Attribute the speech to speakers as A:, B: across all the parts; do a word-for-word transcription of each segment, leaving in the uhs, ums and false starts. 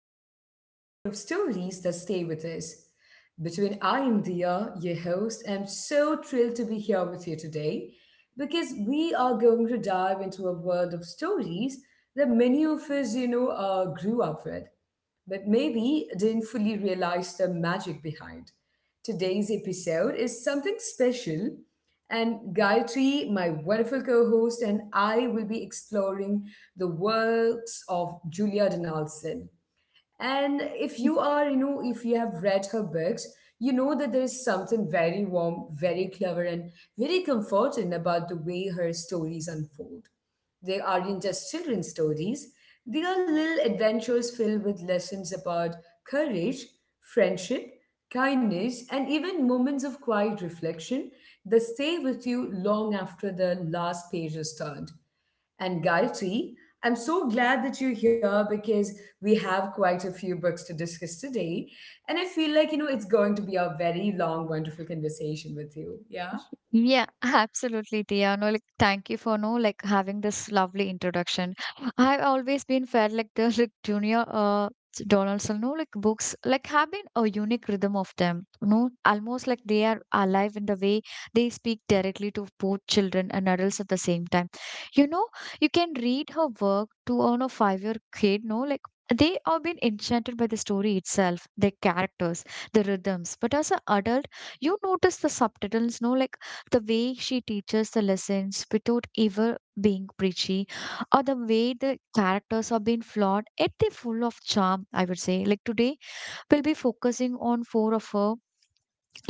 A: another episode of Stories That Stay With Us. Between I am Dia, your host, I'm so thrilled to be here with you today because we are going to dive into a world of stories that many of us, you know, uh, grew up with but maybe didn't fully realize the magic behind. Today's episode is something special, and Gayatri, my wonderful co host, and I will be exploring the works of Julia Donaldson. And if you are, you know, if you have read her books, you know that there is something very warm, very clever, and very comforting about the way her stories unfold. They aren't just children's stories, they are little adventures filled with lessons about courage, friendship, kindness, and even moments of quiet reflection that stay with you long after the last page is turned and Gayatri. I'm so glad that you're here because we have quite a few books to discuss today. And I feel like, you know, it's going to be a very long, wonderful conversation with you. Yeah?
B: Yeah, absolutely, Tia. No, like, thank you for no, like, having this lovely introduction. I've always been felt like the like, junior uh Donaldson. No, like books like have been a unique rhythm of them. No, Almost like they are alive in the way they speak directly to both children and adults at the same time. You know, you can read her work to on a five-year kid. No, like. They are been enchanted by the story itself, the characters, the rhythms. But as an adult, you notice the subtitles, no like the way she teaches the lessons without ever being preachy, or the way the characters are being flawed, yet they're full of charm, I would say. Like today, we'll be focusing on four of her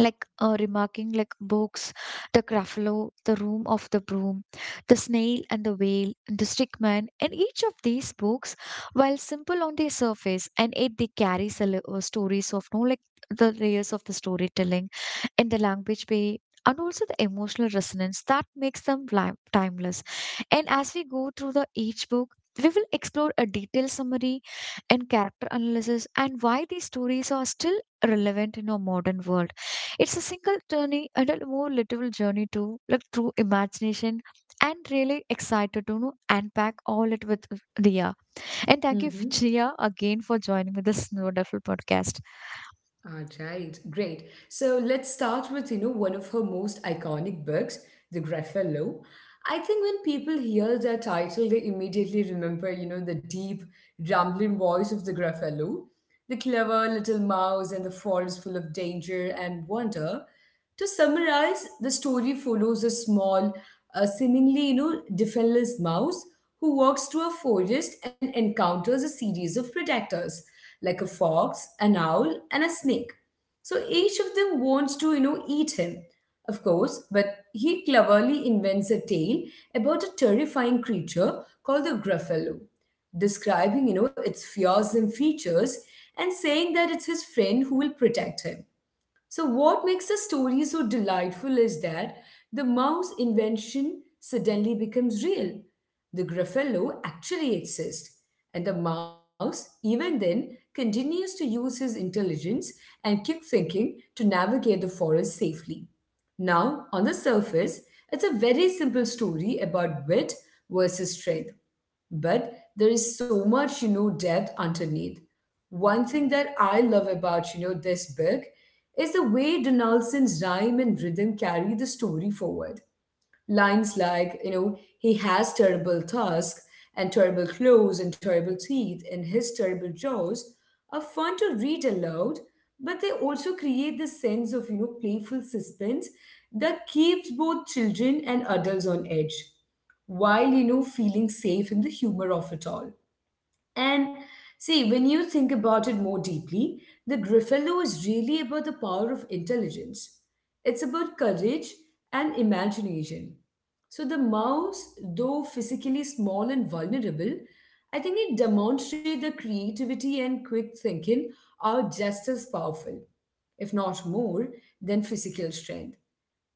B: like uh, remarking like books, the Gruffalo, the Room of the Broom, the Snail and the Whale, and the Stickman. And each of these books, while simple on the surface, and it they carry sele- uh, stories of no like the layers of the storytelling, and the language play, and also the emotional resonance that makes them li- timeless. And as we go through the each book, we will explore a detailed summary and character analysis and why these stories are still relevant in our modern world. It's a single journey and a more literal journey too, like through imagination, and really excited to know, unpack all it with Dia. And thank you,
A: Mm-hmm.
B: Jia, again for joining me this wonderful podcast.
A: All right. Great. So let's start with, you know, one of her most iconic books, The Graffello. I think when people hear the title, they immediately remember, you know, the deep, rumbling voice of the Graffello, the clever little mouse and the forest full of danger and wonder. To summarize, the story follows a small, uh, seemingly you know defenseless mouse who walks through a forest and encounters a series of protectors like a fox, an owl, and a snake. So each of them wants to you know eat him, of course, but he cleverly invents a tale about a terrifying creature called the Gruffalo, describing you know its fearsome features and saying that it's his friend who will protect him. So, what makes a story so delightful is that the mouse invention suddenly becomes real. The Gruffalo actually exists, and the mouse, even then, continues to use his intelligence and quick thinking to navigate the forest safely. Now, on the surface, it's a very simple story about wit versus strength. But there is so much, you know, depth underneath. One thing that I love about, you know, this book is the way Donaldson's rhyme and rhythm carry the story forward. Lines like, you know, he has terrible tusks and terrible claws and terrible teeth and his terrible jaws are fun to read aloud, but they also create this sense of, you know, playful suspense that keeps both children and adults on edge while, you know, feeling safe in the humor of it all. And see, when you think about it more deeply, the Griffalo is really about the power of intelligence. It's about courage and imagination. So the mouse, though physically small and vulnerable, I think it demonstrates that creativity and quick thinking are just as powerful, if not more, than physical strength.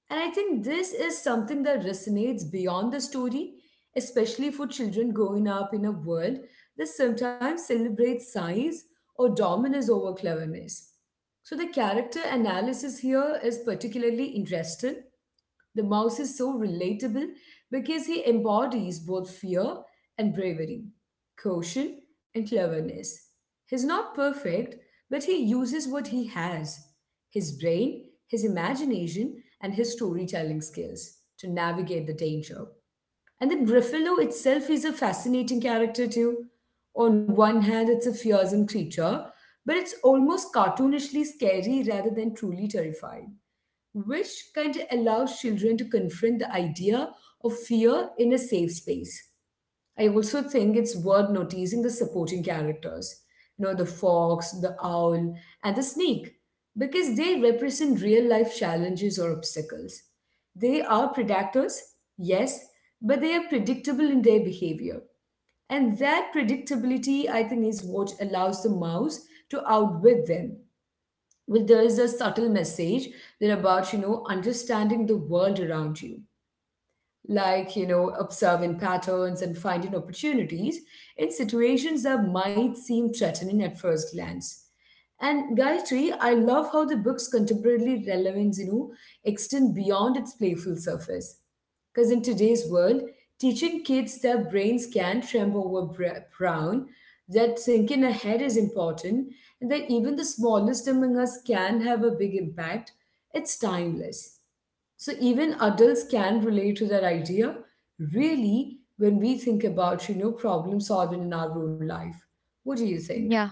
A: And I think this is something that resonates beyond the story, especially for children growing up in a world that sometimes celebrates size or dominance over cleverness. So the character analysis here is particularly interesting. The mouse is so relatable because he embodies both fear and bravery, caution and cleverness. He's not perfect, but he uses what he has, his brain, his imagination, and his storytelling skills to navigate the danger. And then Griffalo itself is a fascinating character, too. On one hand, it's a fearsome creature, but it's almost cartoonishly scary rather than truly terrifying, which kind of allows children to confront the idea of fear in a safe space. I also think it's worth noticing the supporting characters, you know, the fox, the owl, and the snake, because they represent real life challenges or obstacles. They are predators, yes, but they are predictable in their behavior. And that predictability, I think, is what allows the mouse to outwit them. Well, there is a subtle message there about you know understanding the world around you, like you know observing patterns and finding opportunities in situations that might seem threatening at first glance. And Gayatri, I love how the book's contemporary relevance, you know, extend beyond its playful surface. Because in today's world, teaching kids that brains can tremble over br- brown, that thinking ahead is important, and that even the smallest among us can have a big impact, it's timeless. So even adults can relate to that idea, really, when we think about, you know, problem solving in our own life. What do you think?
B: Yeah.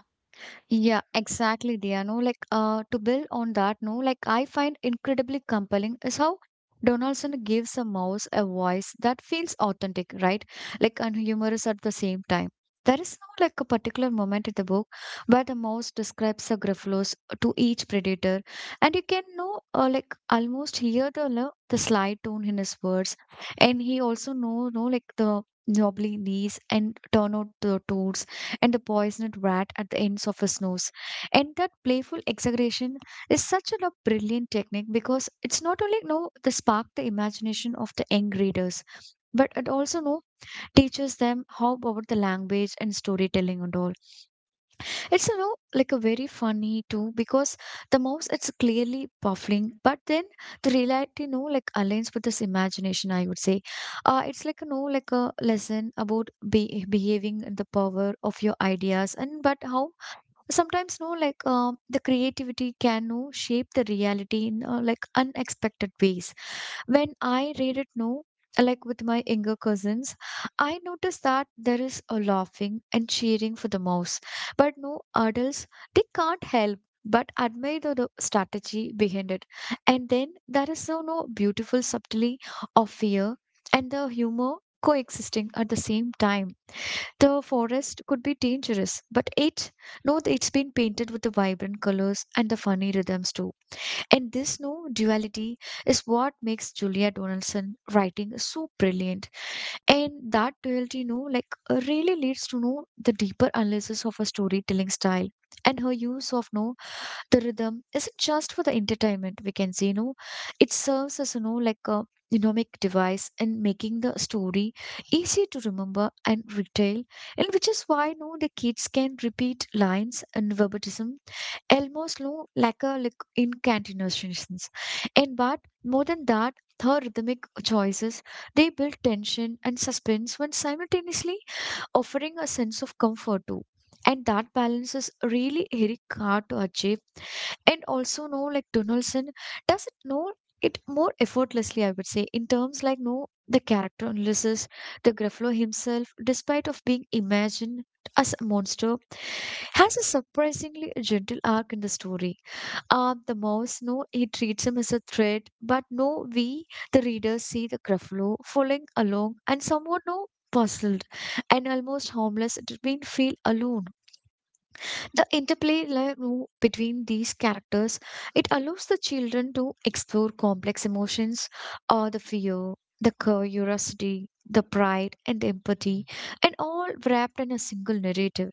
B: Yeah, exactly, dear. No, like uh, To build on that, no, like I find incredibly compelling is how Donaldson gives a mouse a voice that feels authentic, right? Like and humorous at the same time. There is no like a particular moment in the book where the mouse describes a Gruffalo's to each predator, and you can know uh, like almost hear the lo- the sly tone in his words, and he also know know like the knobbly knees, and turn out the toes, and the poisoned rat at the ends of his nose. And that playful exaggeration is such a lo- brilliant technique, because it's not only you know the spark the imagination of the young readers, but it also you know teaches them how about the language and storytelling and all. It's you know like a very funny too, because the mouse it's clearly puffing, but then the reality, you know like aligns with this imagination. I would say, uh, it's like you know like a lesson about be- behaving in the power of your ideas. And but how sometimes, you know like um the creativity can, you know, shape the reality in uh, like unexpected ways. When I read it now, like with my younger cousins, I notice that there is a laughing and cheering for the mouse. But no adults, they can't help but admire the, the strategy behind it. And then there is so no beautiful subtlety of fear and the humor coexisting at the same time. The forest could be dangerous, but it, no, it's been painted with the vibrant colors and the funny rhythms too. And this no duality is what makes Julia Donaldson writing so brilliant. And that duality, no, like uh, really leads to know the deeper analysis of her storytelling style. And her use of no the rhythm isn't just for the entertainment. We can say, no, it serves as you know like a mnemonic device in making the story easy to remember and retell, and which is why no the kids can repeat lines and verbatim almost no like a like incantations. And but more than that, her rhythmic choices they build tension and suspense when simultaneously offering a sense of comfort too. And that balance is really very hard to achieve, and also know like Donaldson does it know it more effortlessly, I would say. In terms like no the character analysis, the Gruffalo himself, despite of being imagined as a monster, has a surprisingly gentle arc in the story. Uh, the mouse, no he treats him as a threat, but no we, the readers, see the Gruffalo following along and somewhat no puzzled and almost harmless, it made feel alone. The interplay, like, w- between these characters, it allows the children to explore complex emotions, or the fear, the curiosity, the pride, and the empathy and all, wrapped in a single narrative.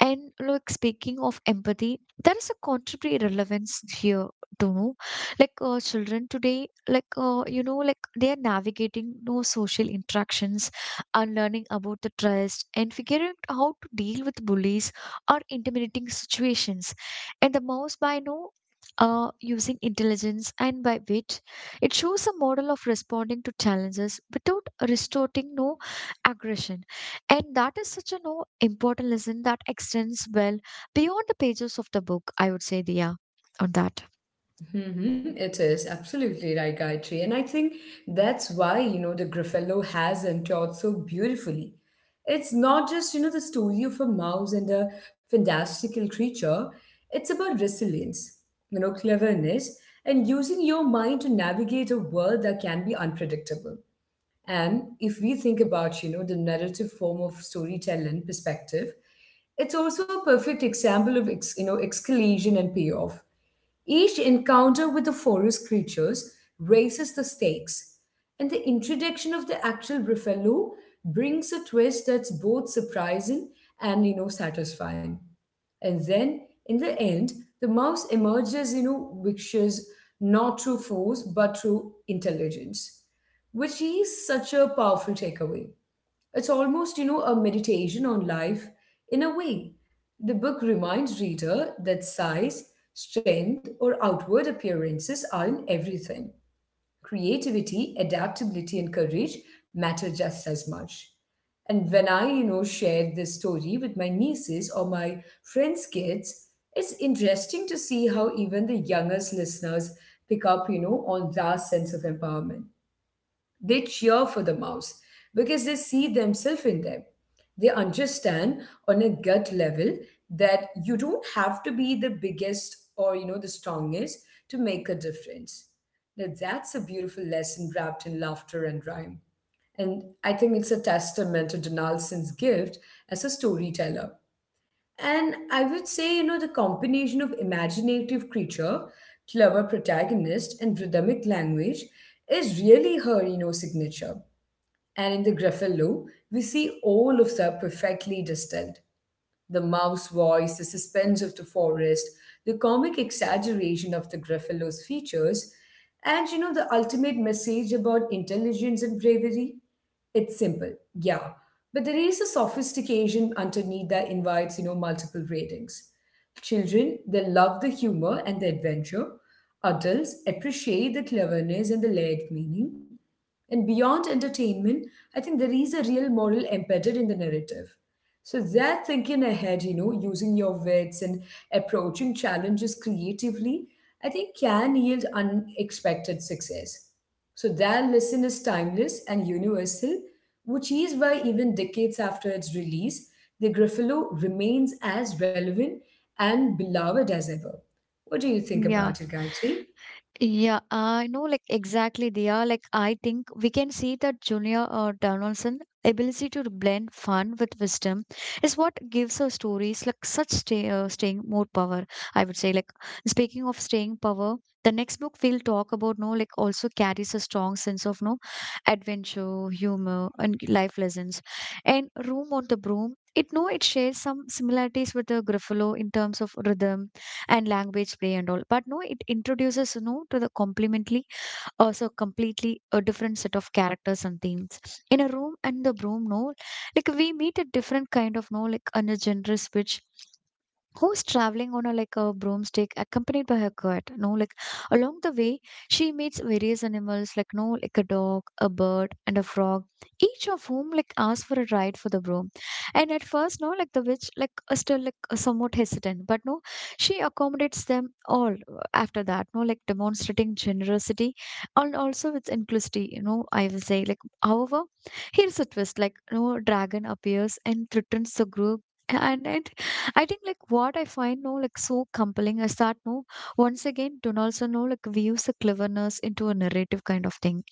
B: And, like, speaking of empathy, there is a contemporary relevance here, to know like uh, children today, like uh, you know like they are navigating no social interactions, are learning about the trust and figuring out how to deal with bullies or intimidating situations. And the mouse by now, uh, using intelligence and by wit, it shows a model of responding to challenges without resorting no aggression. And that is such a no important lesson that extends well beyond the pages of the book, I would say, Dia, on that.
A: Mhm. It is absolutely right, Gayatri. And I think that's why, you know, the Griffello has endured so beautifully. It's not just, you know, the story of a mouse and a fantastical creature. It's about resilience, you know, cleverness, and using your mind to navigate a world that can be unpredictable. And if we think about, you know, the narrative form of storytelling perspective, it's also a perfect example of, ex, you know, escalation and payoff. Each encounter with the forest creatures raises the stakes, and the introduction of the actual buffalo brings a twist that's both surprising and you know satisfying. And then in the end, the mouse emerges, you know, vicious, not through force but through intelligence, which is such a powerful takeaway. It's almost, you know, a meditation on life in a way. The book reminds reader that size, strength, or outward appearances aren't everything. Creativity, adaptability, and courage matter just as much. And when I, you know, share this story with my nieces or my friends' kids, it's interesting to see how even the youngest listeners pick up, you know, on that sense of empowerment. They cheer for the mouse because they see themselves in them. They understand on a gut level that you don't have to be the biggest or you know the strongest to make a difference. Now that's a beautiful lesson wrapped in laughter and rhyme. And I think it's a testament to Donaldson's gift as a storyteller. And I would say, you know, the combination of imaginative creature, clever protagonist, and rhythmic language is really her, you know, signature, and in the Greffel loop, we see all of them perfectly distilled. The mouse voice, the suspense of the forest, the comic exaggeration of the Gruffalo's features, and you know, the ultimate message about intelligence and bravery? It's simple, yeah. But there is a sophistication underneath that invites, you know, multiple ratings. Children, they love the humor and the adventure. Adults appreciate the cleverness and the layered meaning. And beyond entertainment, I think there is a real moral embedded in the narrative. So they're thinking ahead, you know, using your wits and approaching challenges creatively, I think can yield unexpected success. So their lesson is timeless and universal, which is why even decades after its release, the Gruffalo remains as relevant and beloved as ever. What do you think
B: Yeah.
A: about it, Gayatri?
B: Yeah, I know, like exactly, they are like, I think we can see that Junior uh, Donaldson ability to blend fun with wisdom is what gives her stories like such stay, uh, staying more power, I would say. Like, speaking of staying power, the next book we'll talk about, no, like also carries a strong sense of no adventure, humor, and life lessons. And Room on the Broom, it no, it shares some similarities with the Gruffalo in terms of rhythm and language play and all. But no it introduces, you know to the complementary, also completely a different set of characters and themes. In a room and the broom, no like we meet a different kind of, no like on a generous which, who's traveling on a like a broomstick accompanied by her cat, no like along the way, she meets various animals, like, no like a dog, a bird, and a frog, each of whom like asks for a ride for the broom. And at first, no like the witch, like uh, still like uh, somewhat hesitant, but no she accommodates them all, uh, after that, no like demonstrating generosity and also its inclusivity, you know I will say, like, however, here's a twist. Like, no dragon appears and threatens the group. And, and I think, like, what I find no like so compelling is that, no once again, also, no like weaves the cleverness into a narrative kind of thing.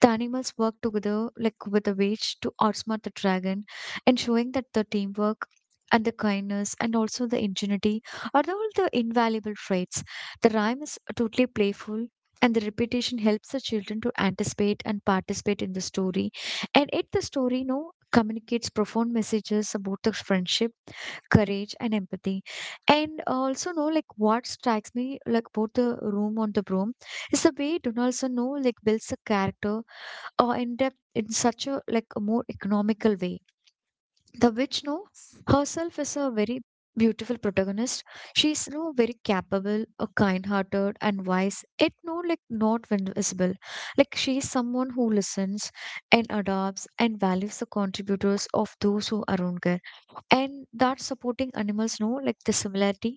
B: The animals work together, like, with a witch to outsmart the dragon, and showing that the teamwork and the kindness and also the ingenuity are the- all the invaluable traits. The rhyme is totally playful, and the repetition helps the children to anticipate and participate in the story. And it The story, no communicates profound messages about the friendship, courage, and empathy. And also, know like what strikes me, like, about the room on the broom, is the way Donaldson, know like builds a character or in depth in such a like a more economical way. The witch, no, herself, is a very beautiful protagonist. She's no very capable, a kind-hearted and wise. It no like not ven- visible. Like, she's someone who listens and adopts and values the contributors of those who around her. And that supporting animals, know like the similarity,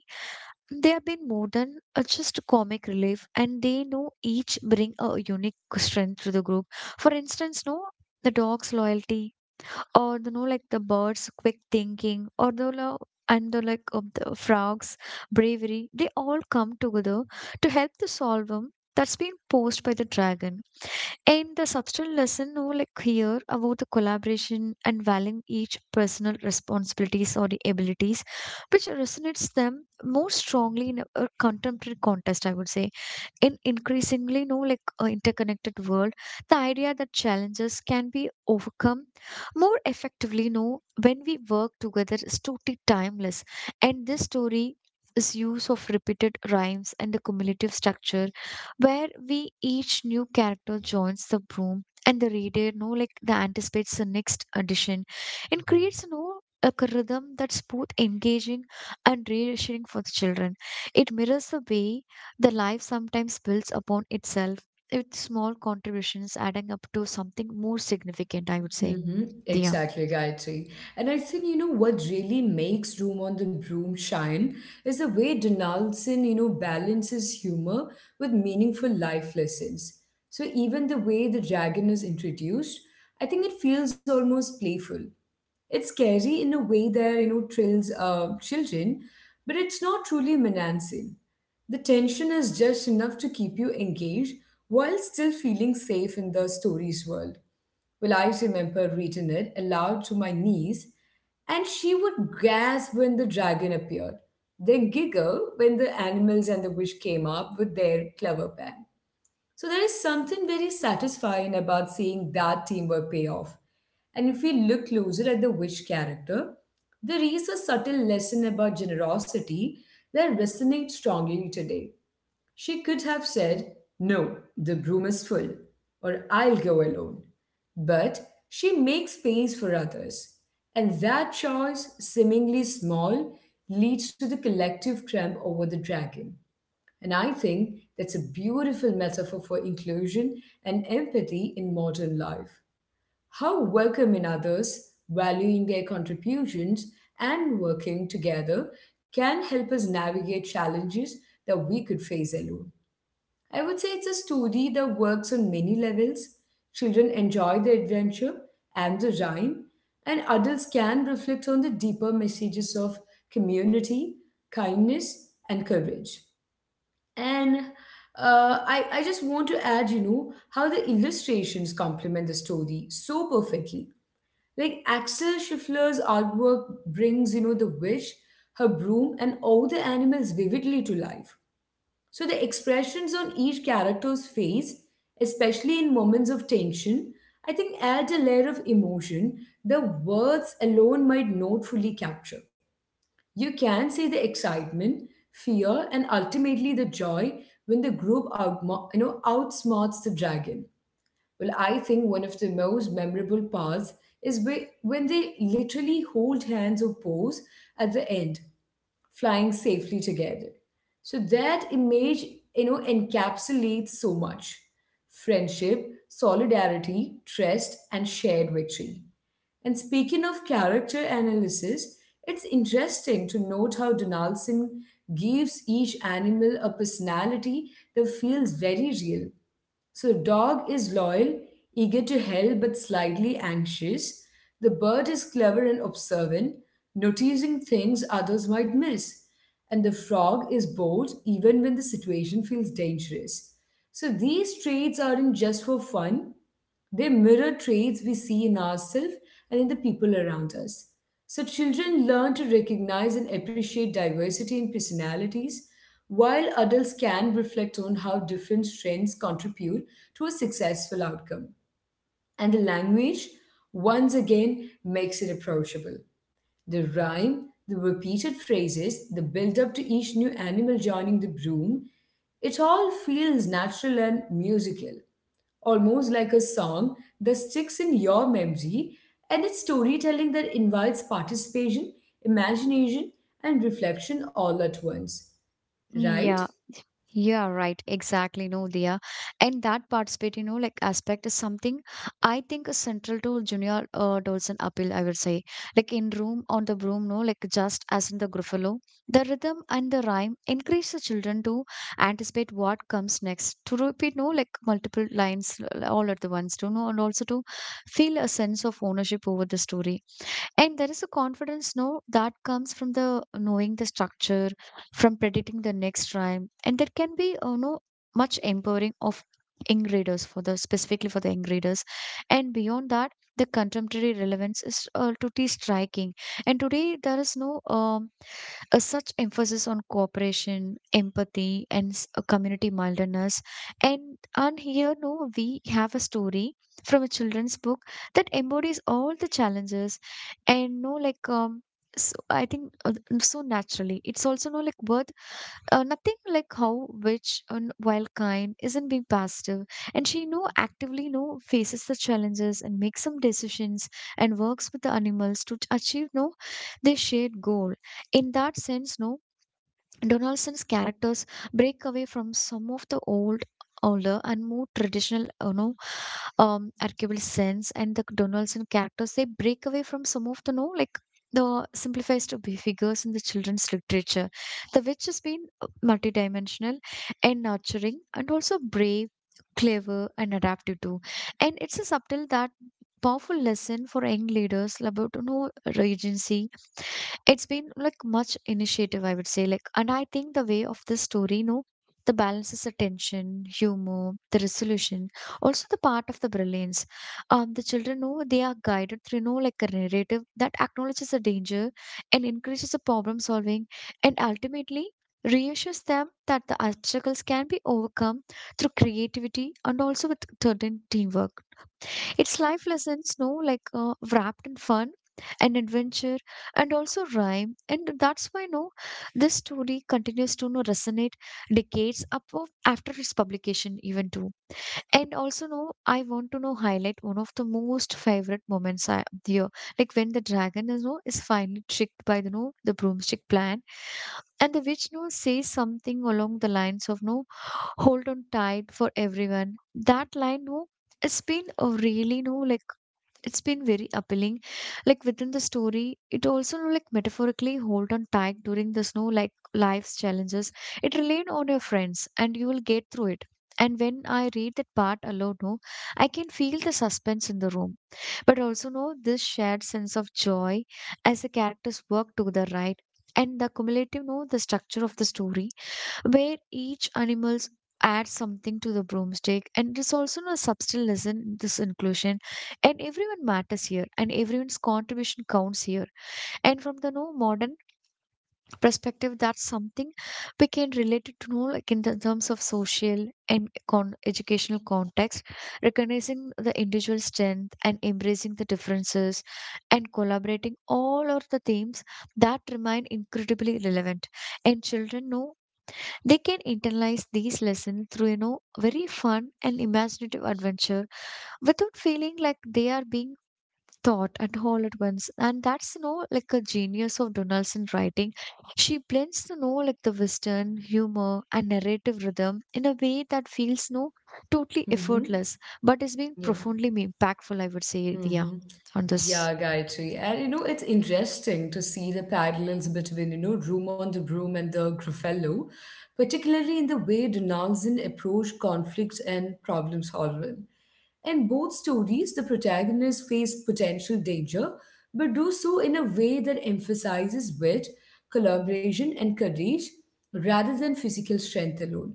B: they have been more than, uh, just comic relief, and they know each bring a unique strength to the group. For instance, no, the dog's loyalty, or the, know like the birds quick thinking, or the lo- and the like of the frogs bravery, they all come together to help the solve 'em that's been posed by the dragon. And the substantial lesson, no like here, about the collaboration and valuing each personal responsibilities or the abilities, which resonates them more strongly in a a contemporary context, I would say. In increasingly, no like uh, interconnected world, the idea that challenges can be overcome more effectively, no when we work together, is totally timeless. And this story is use of repeated rhymes and the cumulative structure where we each new character joins the broom, and the reader, no like the anticipates the next addition, and creates, no like a rhythm that's both engaging and reassuring for the children. It mirrors the way the life sometimes builds upon itself, with small contributions adding up to something more significant, I would say.
A: Mm-hmm.
B: Dia.
A: Exactly, Gayatri. And I think, you know, what really makes Room on the Broom shine is the way Donaldson, you know, balances humor with meaningful life lessons. So even the way the dragon is introduced, I think it feels almost playful. It's scary in a way that, you know, thrills uh, children, but it's not truly menacing. The tension is just enough to keep you engaged while still feeling safe in the story's world. Well, I remember reading it aloud to my niece, and she would gasp when the dragon appeared, then giggle when the animals and the witch came up with their clever plan. So there is something very satisfying about seeing that teamwork pay off. And if we look closer at the witch character, there is a subtle lesson about generosity that resonates strongly today. She could have said, "No, the broom is full," or "I'll go alone." But she makes space for others. And that choice, seemingly small, leads to the collective triumph over the dragon. And I think that's a beautiful metaphor for inclusion and empathy in modern life. How welcoming others, valuing their contributions, and working together can help us navigate challenges that we could face alone. I would say it's a story that works on many levels. Children enjoy the adventure and the rhyme, and adults can reflect on the deeper messages of community, kindness, and courage. And uh, I, I just want to add, you know, how the illustrations complement the story so perfectly. Like Axel Schiffler's artwork brings, you know, the wish, her broom, and all the animals vividly to life, so the expressions on each character's face, especially in moments of tension, I think add a layer of emotion the words alone might not fully capture. You can see the excitement, fear, and ultimately the joy when the group out, you know, outsmarts the dragon. Well, I think one of the most memorable parts is whe- when they literally hold hands or pose at the end, flying safely together. So that image, you know, encapsulates so much friendship, solidarity, trust, and shared victory. And speaking of character analysis, it's interesting to note how Donaldson gives each animal a personality that feels very real. So, dog is loyal, eager to help, but slightly anxious. The bird is clever and observant, noticing things others might miss. And the frog is bold, even when the situation feels dangerous. So, these traits aren't just for fun, they mirror traits we see in ourselves and in the people around us. So children learn to recognize and appreciate diversity in personalities, while adults can reflect on how different strengths contribute to a successful outcome. And the language, once again, makes it approachable. The rhyme, the repeated phrases, the build up to each new animal joining the broom, it all feels natural and musical, almost like a song that sticks in your memory, and it's storytelling that invites participation, imagination, and reflection all at once, right?
B: Yeah. Yeah, right. Exactly. No, Dia. And that participate, you know, like aspect is something I think is central to Junior uh, Dolson appeal, I would say. Like, in Room on the Broom, no, like just as in the Gruffalo, the rhythm and the rhyme encourage the children to anticipate what comes next, to repeat, no, like multiple lines, uh, all at the once, to know, and also to feel a sense of ownership over the story. And there is a confidence no that comes from the knowing the structure, from predicting the next rhyme, and there can be uh, no much empowering of young readers for the specifically for the young readers. And beyond that, the contemporary relevance is uh, totally striking. And today there is no um, a such emphasis on cooperation, empathy, and s- uh, community mildness. And and here, no, we have a story from a children's book that embodies all the challenges, and no like um so I think uh, n- so naturally it's also no like worth uh, nothing like how which and while kind isn't being passive and she know actively know faces the challenges and makes some decisions and works with the animals to t- achieve no their shared goal in that sense no Donaldson's characters break away from some of the old, older, and more traditional, you know, um, archetypal sense. And the Donaldson characters they break away from some of the, no, like the simplified to be figures in the children's literature, the which has been uh, multidimensional and nurturing, and also brave, clever, and adaptive too. And it's a subtle that powerful lesson for young leaders about you know, agency it's been like much initiative I would say like and I think the way of this story you know the balance is the tension humor the resolution also the part of the brilliance um the children know they are guided through you know like a narrative that acknowledges the danger and increases the problem solving and ultimately reassures them that the obstacles can be overcome through creativity and also with certain teamwork. It's life lessons, no, like uh, wrapped in fun and adventure and also rhyme. And that's why, no, this story continues to no, resonate decades up of, after its publication, even too. And also, no, I want to know highlight one of the most favorite moments I, here, like when the dragon is, no, is finally tricked by the no, the broomstick plan, and the witch no says something along the lines of no hold on tight for everyone. That line, no, it's been a really no, like it's been very appealing. Like within the story, it also no, like metaphorically hold on tight during the snow, like life's challenges. It relied on your friends, and you will get through it. And when I read that part alone, no, I can feel the suspense in the room, but also know this shared sense of joy as the characters work together, right? And the cumulative, no, the structure of the story where each animal adds something to the broomstick and there's also a subtle lesson in this inclusion and everyone matters here and everyone's contribution counts here and from the no modern perspective that's something we can relate it to know like in the terms of social and con- educational context recognizing the individual strength and embracing the differences and collaborating all are the themes that remain incredibly relevant and children know they can internalize these lessons through you know very fun and imaginative adventure without feeling like they are being taught at all at once and that's you know like a genius of Donaldson writing. She blends you know like the western humor and narrative rhythm in a way that feels no totally
A: Mm-hmm.
B: effortless but is being
A: Yeah.
B: profoundly me- impactful I would say. Yeah.
A: Mm-hmm.
B: On this.
A: Yeah, Gayatri. And you know, it's interesting to see the parallels between, you know, Room on the Broom and the Gruffalo, particularly in the way Donaldson approached conflicts and problem solving. In both stories, the protagonists face potential danger, but do so in a way that emphasizes wit, collaboration, and courage rather than physical strength alone.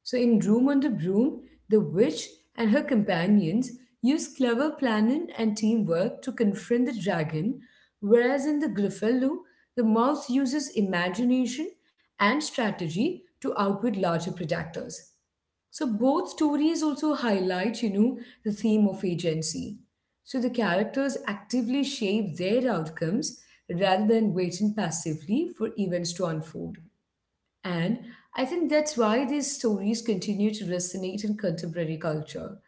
A: So, in Room on the Broom, the witch and her companions use clever planning and teamwork to confront the dragon, whereas in The Griffalo, the mouse uses imagination and strategy to outwit larger predators. So both stories also highlight, you know, the theme of agency. So the characters actively shape their outcomes rather than waiting passively for events to unfold. And I think that's why these stories continue to resonate in contemporary culture.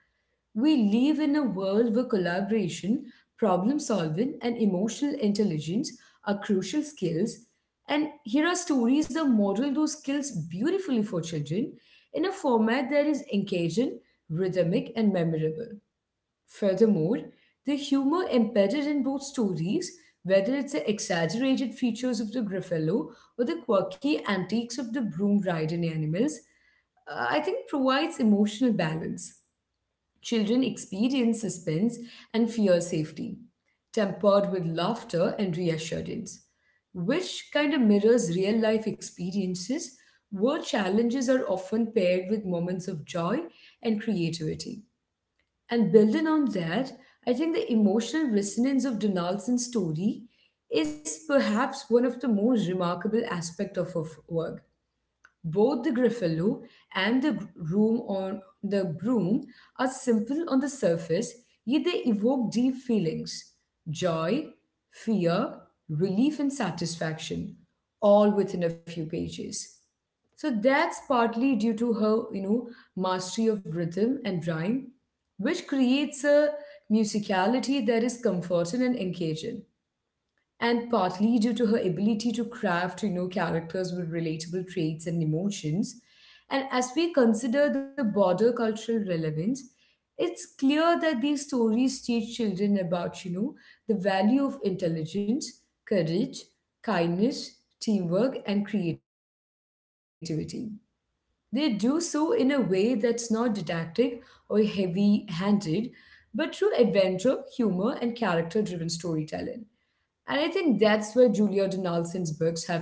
A: We live in a world where collaboration, problem solving, and emotional intelligence are crucial skills. And here are stories that model those skills beautifully for children in a format that is engaging, rhythmic, and memorable. Furthermore, the humor embedded in both stories, whether it's the exaggerated features of the Griffalo or the quirky antics of the broom riding animals, uh, I think provides emotional balance. Children experience suspense and fear safety, tempered with laughter and reassurance, which kind of mirrors real life experiences where challenges are often paired with moments of joy and creativity. And building on that, I think the emotional resonance of Donaldson's story is perhaps one of the most remarkable aspects of her f- work. Both the Gruffalo and the gr- room on the broom are simple on the surface, yet they evoke deep feelings, joy, fear, relief, and satisfaction, all within a few pages. So that's partly due to her, you know, mastery of rhythm and rhyme, which creates a musicality that is comforting and engaging, and partly due to her ability to craft you know characters with relatable traits and emotions. And as we consider the broader cultural relevance, it's clear that these stories teach children about you know the value of intelligence, courage, kindness, teamwork, and creativity. They do so in a way that's not didactic or heavy handed, but through adventure, humor, and character driven storytelling. And I think that's where Julia Donaldson's books have endured.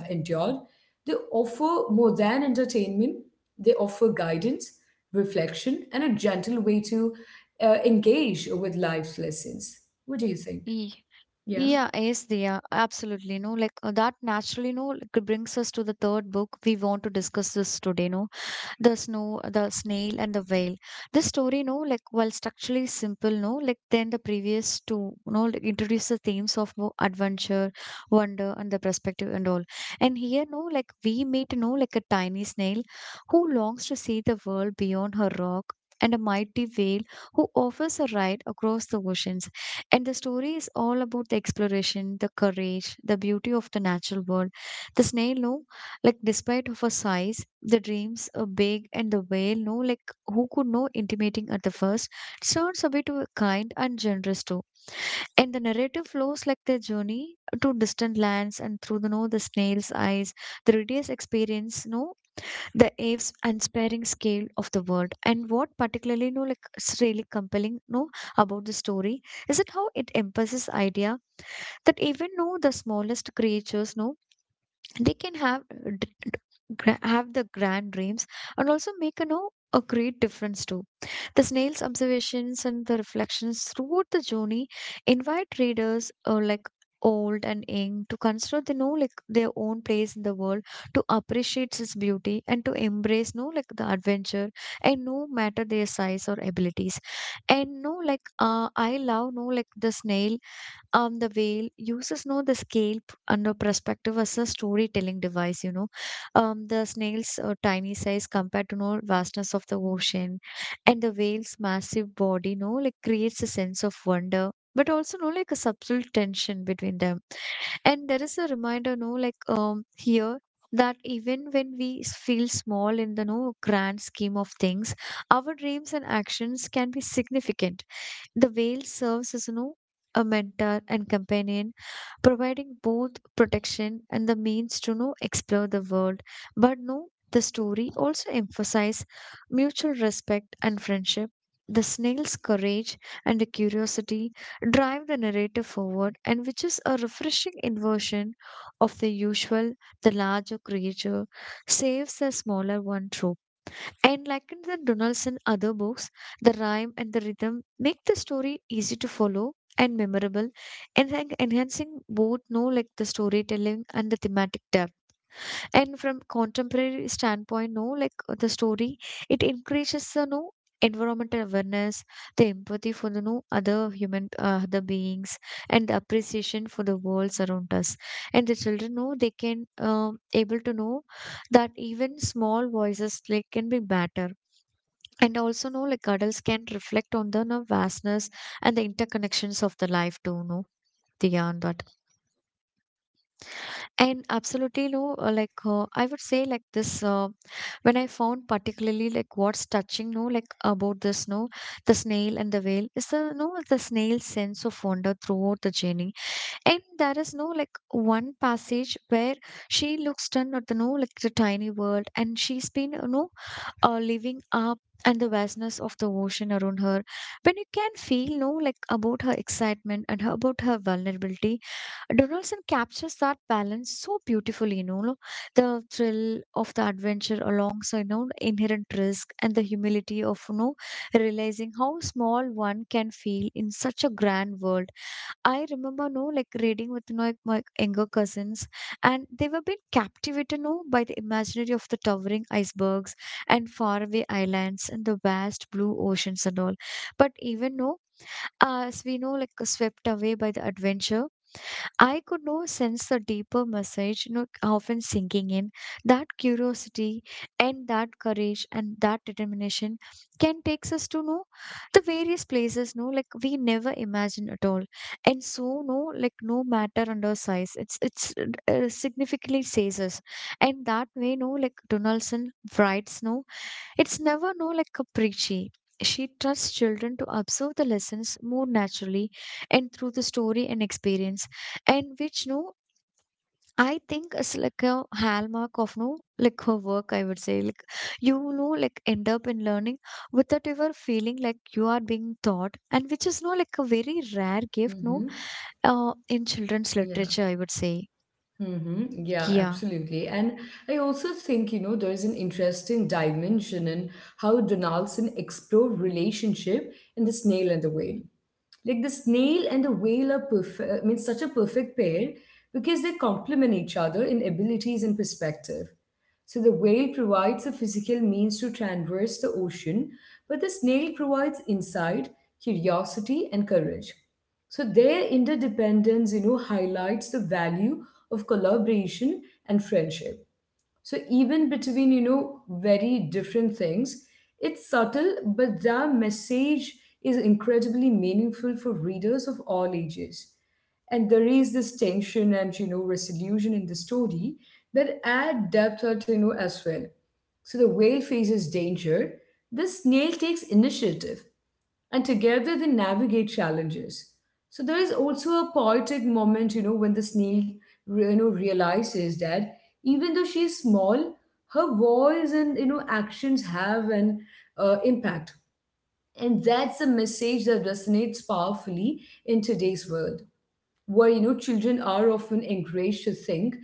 A: They offer more than entertainment, they offer guidance, reflection, and a gentle way to uh, engage with life's lessons. What do you think?
B: Ye-
A: Yeah.
B: Yeah, yes, they are absolutely. No, like uh, that naturally, no, like, brings us to the third book we want to discuss this today. No, the snow, the snail, and the whale. This story, no, like while structurally simple, no, like then the previous two, no, like, introduce the themes of no, adventure, wonder, and the perspective and all. And here, no, like we meet, no, like a tiny snail who longs to see the world beyond her rock. And a mighty whale who offers a ride across the oceans. And the story is all about the exploration, the courage, the beauty of the natural world. The snail, no, like despite of her size the dreams are big and the whale no like who could know intimating at the first turns a bit to kind and generous too and the narrative flows like their journey to distant lands and through the no, the snail's eyes the readers experience no the aves unsparing scale of the world and what particularly no like is really compelling no about the story is it how it emphasizes idea that even no the smallest creatures no they can have gra- have the grand dreams and also make you know a great difference too. The snail's observations and the reflections throughout the journey invite readers uh, like old and young to consider they know like their own place in the world to appreciate its beauty and to embrace no like the adventure and no matter their size or abilities and no like uh, I love no like the snail um the veil uses no the scale p- and the perspective as a storytelling device you know um the snail's uh, tiny size compared to no vastness of the ocean and the whale's massive body no like creates a sense of wonder but also no like a subtle tension between them and there is a reminder no like um here that even when we s- feel small in the no grand scheme of things our dreams and actions can be significant. The whale serves as you know, a mentor and companion, providing both protection and the means to you know, explore the world. But no, the story also emphasizes mutual respect and friendship. The snail's courage and the curiosity drive the narrator forward, and which is a refreshing inversion of the usual, the larger creature saves the smaller one trope. And like in the Donaldson other books, the rhyme and the rhythm make the story easy to follow and memorable, and en- enhancing both know like the storytelling and the thematic depth. And from contemporary standpoint, no, like uh, the story, it increases the no environmental awareness, the empathy for the no other human uh, other beings, and the appreciation for the world around us. And the children know they can um able to know that even small voices like can be better. And also know like adults can reflect on the no, vastness and the interconnections of the life too, no? Beyond that. And absolutely no, uh, like uh, I would say like this uh, when I found particularly like what's touching no like about this no the snail and the whale is the no the snail's sense of wonder throughout the journey. And there is no like one passage where she looks down at the no like the tiny world and she's been you know uh, living up and the vastness of the ocean around her. When you can feel no like about her excitement and her, about her vulnerability, Donaldson captures that balance so beautifully. You know, no, the thrill of the adventure alongside you know inherent risk and the humility of you know realizing how small one can feel in such a grand world. I remember no like reading with no like, my younger cousins, and they were being captivated no by the imaginary of the towering icebergs and faraway islands and the vast blue oceans and all. But even no, as we know, like swept away by the adventure, I could now sense the deeper message you know, often sinking in. That curiosity and that courage and that determination can takes us to know the various places, no, like we never imagined at all. And so, no, like no matter under size, it's it's uh, significantly says us. And that way, no, like Donaldson writes, no. It's never no like a She trusts children to absorb the lessons more naturally and through the story and experience, and which no, I think is like a hallmark of no like her work. I would say like you know like end up in learning without ever feeling like you are being taught, and which is no like a very rare gift no
A: Mm-hmm.
B: uh, in children's
A: Yeah.
B: literature. I would say
A: Mm-hmm. Yeah,
B: yeah.
A: absolutely. And I also think, you know, there is an interesting dimension in how Donaldson explored relationship in The Snail and the Whale. Like the snail and the whale are perfect, I mean, such a perfect pair because they complement each other in abilities and perspective. So the whale provides a physical means to traverse the ocean, but the snail provides insight, curiosity, and courage. So their interdependence, you know, highlights the value of collaboration and friendship. So even between, you know, very different things, it's subtle, but the message is incredibly meaningful for readers of all ages. And there is this tension and, you know, resolution in the story that add depth or, you know, as well. So the whale faces danger. The snail takes initiative and together they navigate challenges. So there is also a poetic moment, you know, when the snail, you know, realizes that even though she is small, her voice and you know actions have an uh, impact, and that's a message that resonates powerfully in today's world where you know children are often encouraged to think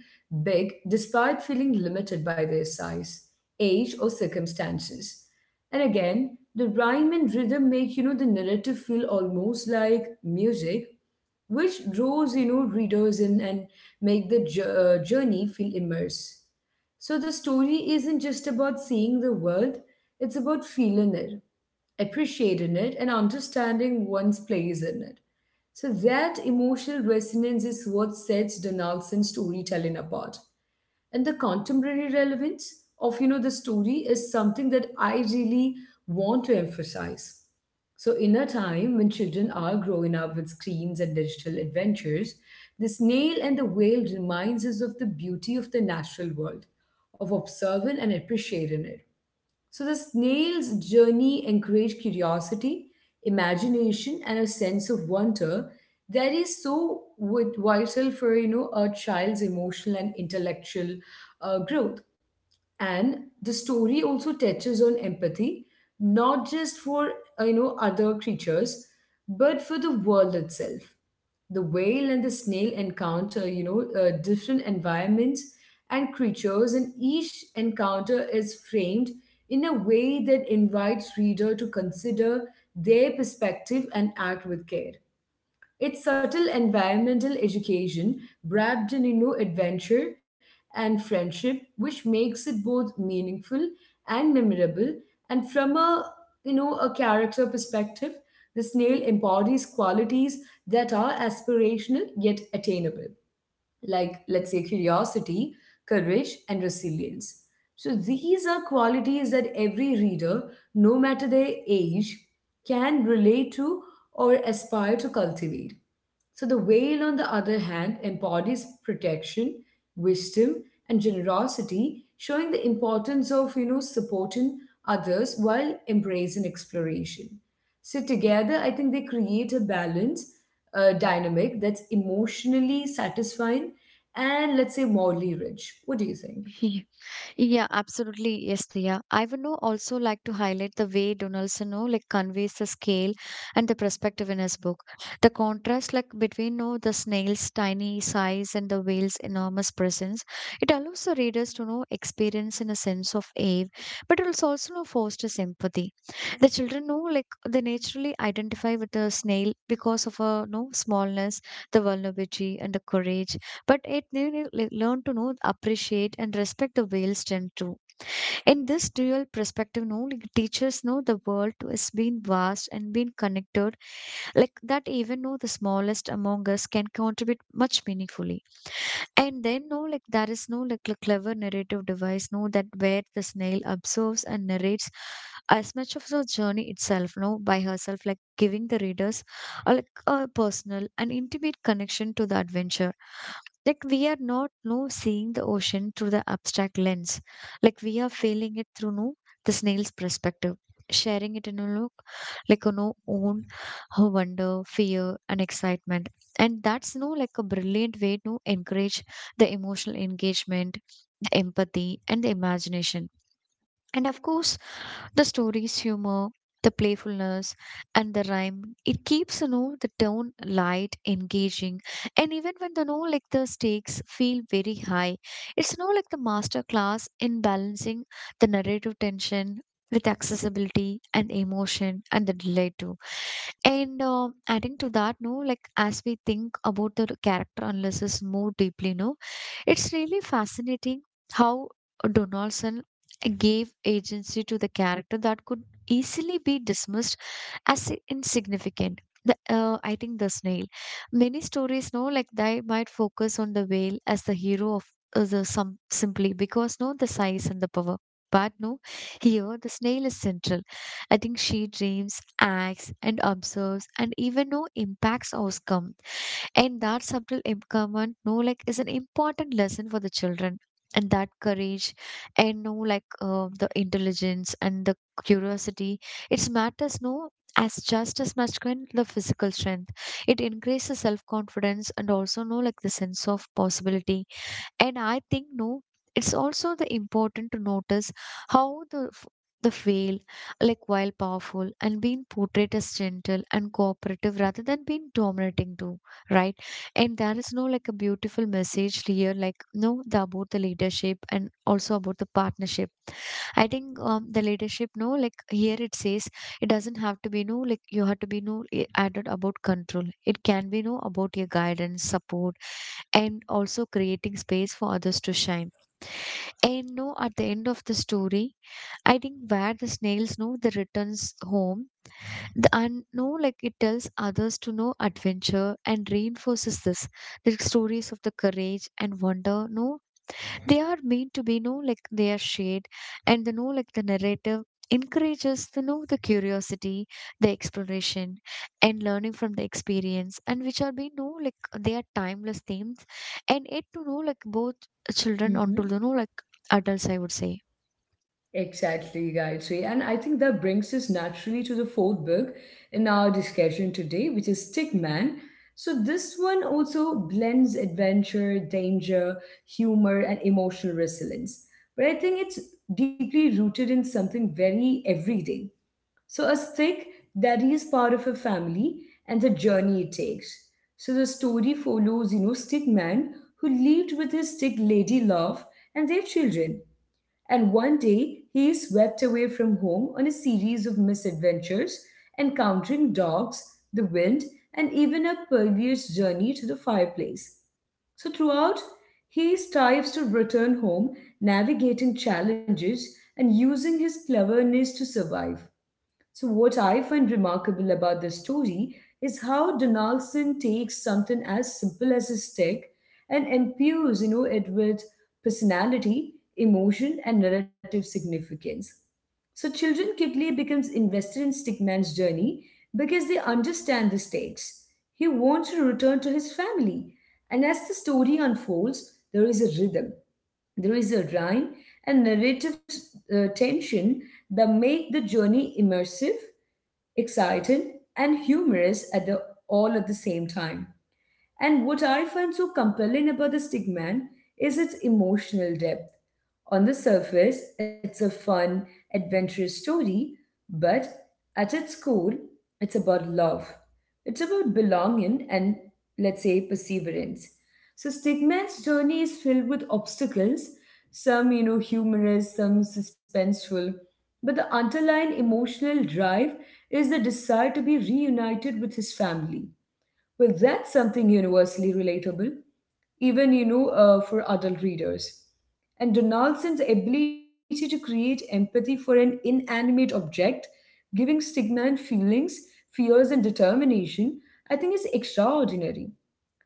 A: big despite feeling limited by their size, age, or circumstances. And again, the rhyme and rhythm make you know the narrative feel almost like music, which draws you know readers in and make the jour- uh, journey feel immersed. So the story isn't just about seeing the world, it's about feeling it, appreciating it, and understanding one's place in it. So that emotional resonance is what sets Donaldson's storytelling apart. And the contemporary relevance of you know the story is something that I really want to emphasize. So in a time when children are growing up with screens and digital adventures, the snail and the whale reminds us of the beauty of the natural world, of observing and appreciating it. So the snail's journey encouraged curiosity, imagination, and a sense of wonder that is so wi- vital for you know a child's emotional and intellectual uh, growth. And the story also touches on empathy, not just for uh, you know other creatures, but for the world itself. The whale and the snail encounter you know uh, different environments and creatures, and each encounter is framed in a way that invites reader to consider their perspective and act with care. It's subtle environmental education wrapped in you know adventure and friendship, which makes it both meaningful and memorable. And from a you know a character perspective, the snail embodies qualities that are aspirational yet attainable, like let's say curiosity, courage, and resilience. So these are qualities that every reader, no matter their age, can relate to or aspire to cultivate. So the whale, on the other hand, embodies protection, wisdom, and generosity, showing the importance of you know supporting others while embracing exploration. So together, I think they create a balance uh, dynamic that's emotionally satisfying and let's say morally rich. What do you think?
B: Yeah, absolutely. Yes, Diya. I would know also like to highlight the way Donaldson know like conveys the scale and the perspective in his book. The contrast like between know the snail's tiny size and the whale's enormous presence. It allows the readers to know experience in a sense of awe, but it also also know fosters empathy. The children know like they naturally identify with the snail because of a no smallness, the vulnerability and the courage but it made me like, learn to know, appreciate, and respect the whale's strength too. In this dual perspective, no, like, teachers know the world has been vast and been connected, like that even though the smallest among us can contribute much meaningfully. And then, no, like there is no like a clever narrative device, no, that where the snail observes and narrates as much of the journey itself, no, by herself, like giving the readers a, like a personal and intimate connection to the adventure. Like we are not no seeing the ocean through the abstract lens, like we are feeling it through no the snail's perspective, sharing it in a look like you know own her wonder, fear, and excitement, and that's no like a brilliant way to encourage the emotional engagement, the empathy, and the imagination. And of course, the story's humor, the playfulness, and the rhyme. It keeps, you know, the tone light, engaging. And even when the you know like the stakes feel very high, it's you know like the master class in balancing the narrative tension with accessibility and emotion and the delay too. And uh, adding to that, no, like as we think about the character analysis more deeply, no, it's really fascinating how Donaldson gave agency to the character that could easily be dismissed as i- insignificant. The, uh, I think the snail. Many stories, no, like they might focus on the whale as the hero of uh, the some simply because no, the size and the power. But no, here the snail is central. I think she dreams, acts, and observes, and even no impacts outcome, and that subtle empowerment, no, like, is an important lesson for the children. And that courage, and no, like, uh, the intelligence and the curiosity, it matters, no, as just as much can the physical strength. It increases self confidence and also, no, like, the sense of possibility, and I think no, it's also the important to notice how the f- the veil, like while powerful and being portrayed as gentle and cooperative rather than being dominating too, right? And there is no like a beautiful message here, like no, the, about the leadership and also about the partnership. I think um, the leadership, no, like here it says, it doesn't have to be no, like you have to be no i- added about control. It can be no about your guidance, support, and also creating space for others to shine. And no, at the end of the story, I think where the snails know the returns home, the and no, like it tells others to know adventure and reinforces this the stories of the courage and wonder. No, they are meant to be no like they are shared and the no like the narrative encourages the know the curiosity, the exploration, and learning from the experience, and which are being no like they are timeless themes, and it to know like both children onto the
A: Hmm.
B: know like adults I would say.
A: Exactly, Gayatri. And I think that brings us naturally to the fourth book in our discussion today, which is Stickman. So, this one also blends adventure, danger, humor, and emotional resilience. But I think it's deeply rooted in something very everyday. So a stick that is part of a family and the journey it takes. So the story follows, you know, stick man who lived with his stick lady love and their children. And one day he is swept away from home on a series of misadventures, encountering dogs, the wind, and even a perilous journey to the fireplace. So throughout, he strives to return home, navigating challenges and using his cleverness to survive. So, what I find remarkable about this story is how Donaldson takes something as simple as a stick and imbues, you know, it with personality, emotion, and narrative significance. So, children quickly becomes invested in Stickman's journey because they understand the stakes. He wants to return to his family, and as the story unfolds, there is a rhythm. There is a rhyme and narrative uh, tension that make the journey immersive, exciting, and humorous at the all at the same time. And what I find so compelling about the Stigman is its emotional depth. On the surface, it's a fun, adventurous story, but at its core, it's about love. It's about belonging and, let's say, perseverance. So, Stigman's journey is filled with obstacles, some, you know, humorous, some suspenseful, but the underlying emotional drive is the desire to be reunited with his family, well, that's something universally relatable, even you know, uh, for adult readers. And Donaldson's ability to create empathy for an inanimate object, giving stigma and feelings, fears and determination, I think is extraordinary.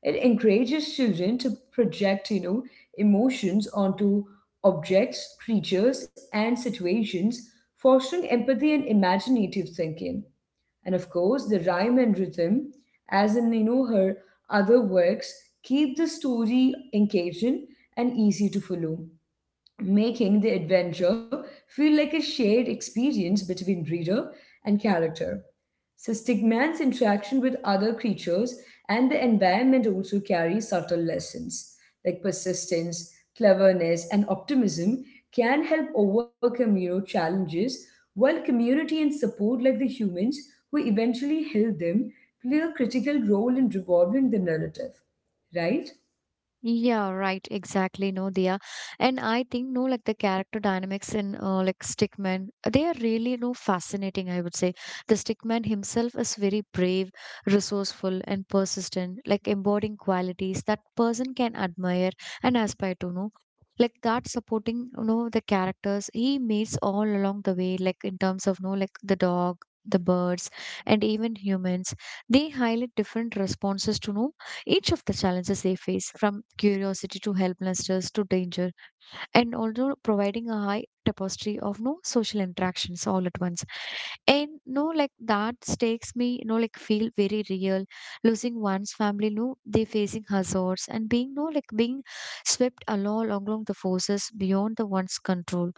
A: It encourages children to project, you know, emotions onto objects, creatures, and situations, fostering empathy and imaginative thinking. And of course, the rhyme and rhythm, as in you know her other works, keep the story engaging and easy to follow, making the adventure feel like a shared experience between reader and character. So, Stigman's interaction with other creatures and the environment also carry subtle lessons, like persistence, cleverness, and optimism can help overcome you know, challenges, while community and support, like the humans who eventually help them, play a critical role in revolving the narrative, right?
B: Yeah, right. Exactly. No, Diya. And I think, no, like the character dynamics in uh, like Stickman, they are really, no, fascinating, I would say. The Stickman himself is very brave, resourceful, and persistent, like embodying qualities that person can admire and aspire to, no? Like that supporting, you know, the characters he meets all along the way, like in terms of, no, like the dog, the birds, and even humans. They highlight different responses to, no each of the challenges they face, from curiosity to helplessness to danger, and also providing a high tapestry of no social interactions all at once. And no, like that stakes me, you know, like feel very real. Losing one's family, no, they facing hazards and being no like being swept along along the forces beyond the one's control.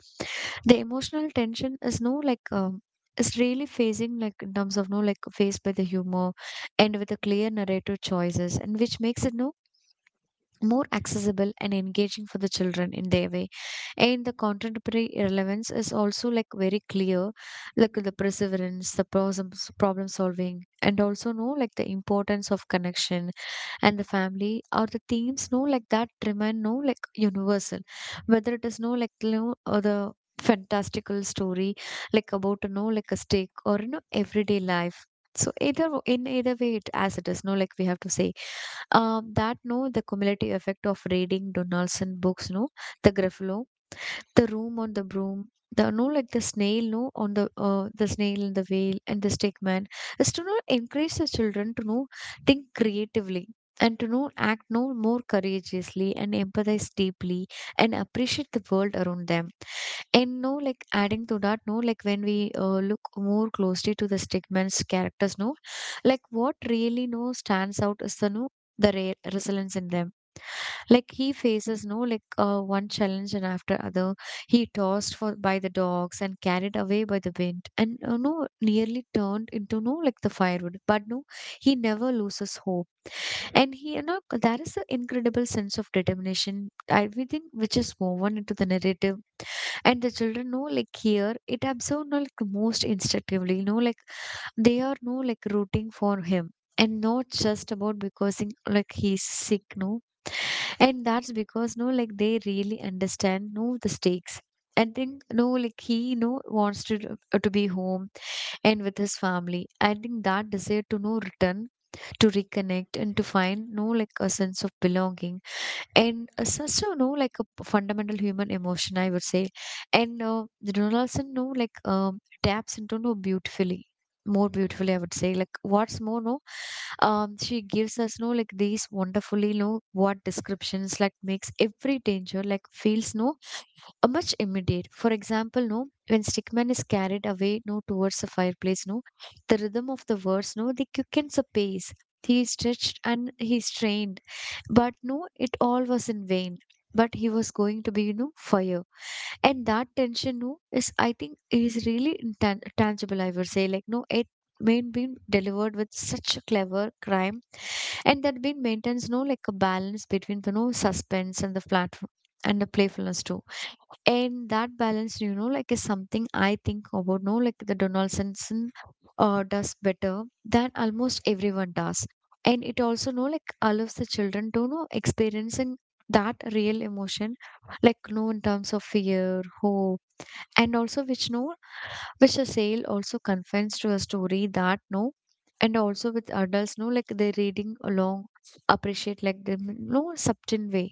B: The emotional tension is no like um is really facing like in terms of no like faced by the humor and with the clear narrative choices and which makes it no more accessible and engaging for the children in their way, and the contemporary relevance is also like very clear, like the perseverance, the problem problem solving, and also know like the importance of connection and the family are the themes no like that remain no like universal, whether it is no like you know or the fantastical story like about you know like a stick or you know everyday life. So either w- in either way it as it is no like we have to say um that no the cumulative effect of reading Donaldson books no the Gruffalo, the room on the broom, the no like the snail no on the uh, the snail and the whale and the stickman is to know encourage the children to know think creatively and to know act no more courageously and empathize deeply and appreciate the world around them. And no like adding to that no like when we uh, look more closely to the stickman's characters no like what really no stands out is the no the re- resilience in them, like he faces no like uh, one challenge and after other, he tossed for by the dogs and carried away by the wind, and you know, nearly turned into no like the firewood. But no, he never loses hope, and he you know there is an incredible sense of determination. I we think which is woven into the narrative, and the children know like here it absorb know like most instinctively you know like they are no like rooting for him and not just about because in, like he's sick no, and that's because no like they really understand no the stakes. I think no like he no wants to uh, to be home and with his family. I think that desire to no return, to reconnect, and to find no like a sense of belonging, and uh, such a no like a p- fundamental human emotion I would say and uh, the Donaldson no like um, taps into no beautifully, more beautifully I would say. Like what's more no um she gives us no like these wonderfully no what descriptions like makes every danger like feels no uh, much immediate, for example no when stickman is carried away no towards the fireplace no the rhythm of the words no they quickens the pace. He is stretched and he strained, but no, it all was in vain. But he was going to be, you know, fire. And that tension, no, is I think is really intan- tangible, I would say. Like, no, it may be delivered with such a clever crime, and that being maintains no like a balance between the no suspense and the platform and the playfulness too, and that balance you know like is something I think about no like the Donaldsonson uh, does better than almost everyone does. And it also no like allows the children to know experiencing that real emotion, like no in terms of fear, hope, and also which no which the sale also confines to a story that no, and also with adults no like they're reading along appreciate like the no subtle way,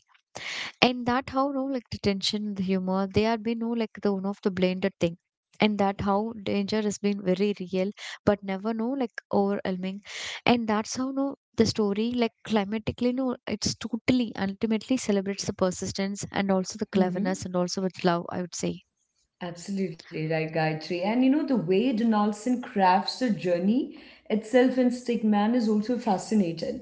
B: and that how no like the tension, the humor, they are been no like the one of the blended thing, and that how danger has been very real but never no like overwhelming, and that's how no the story like climatically no it's totally ultimately celebrates the persistence and also the cleverness and also with love I would say.
A: Absolutely right, Gayatri. And you know, the way Donaldson crafts a journey itself in Stickman is also fascinating.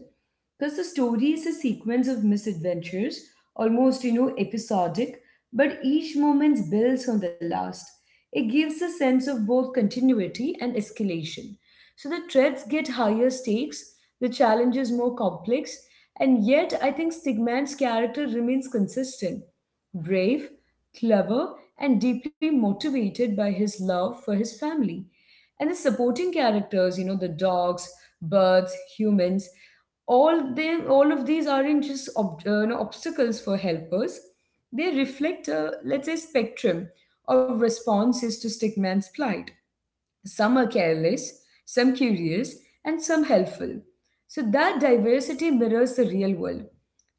A: Because the story is a sequence of misadventures, almost, you know, episodic, but each moment builds on the last. It gives a sense of both continuity and escalation. So the threats get higher stakes, the challenge is more complex, and yet I think Stigman's character remains consistent, brave, clever, and deeply motivated by his love for his family. And the supporting characters, you know, the dogs, birds, humans, all them, all of these aren't just ob- uh, you know, obstacles for helpers. They reflect a, let's say, spectrum of responses to Stickman's plight. Some are careless, some curious, and some helpful. So that diversity mirrors the real world.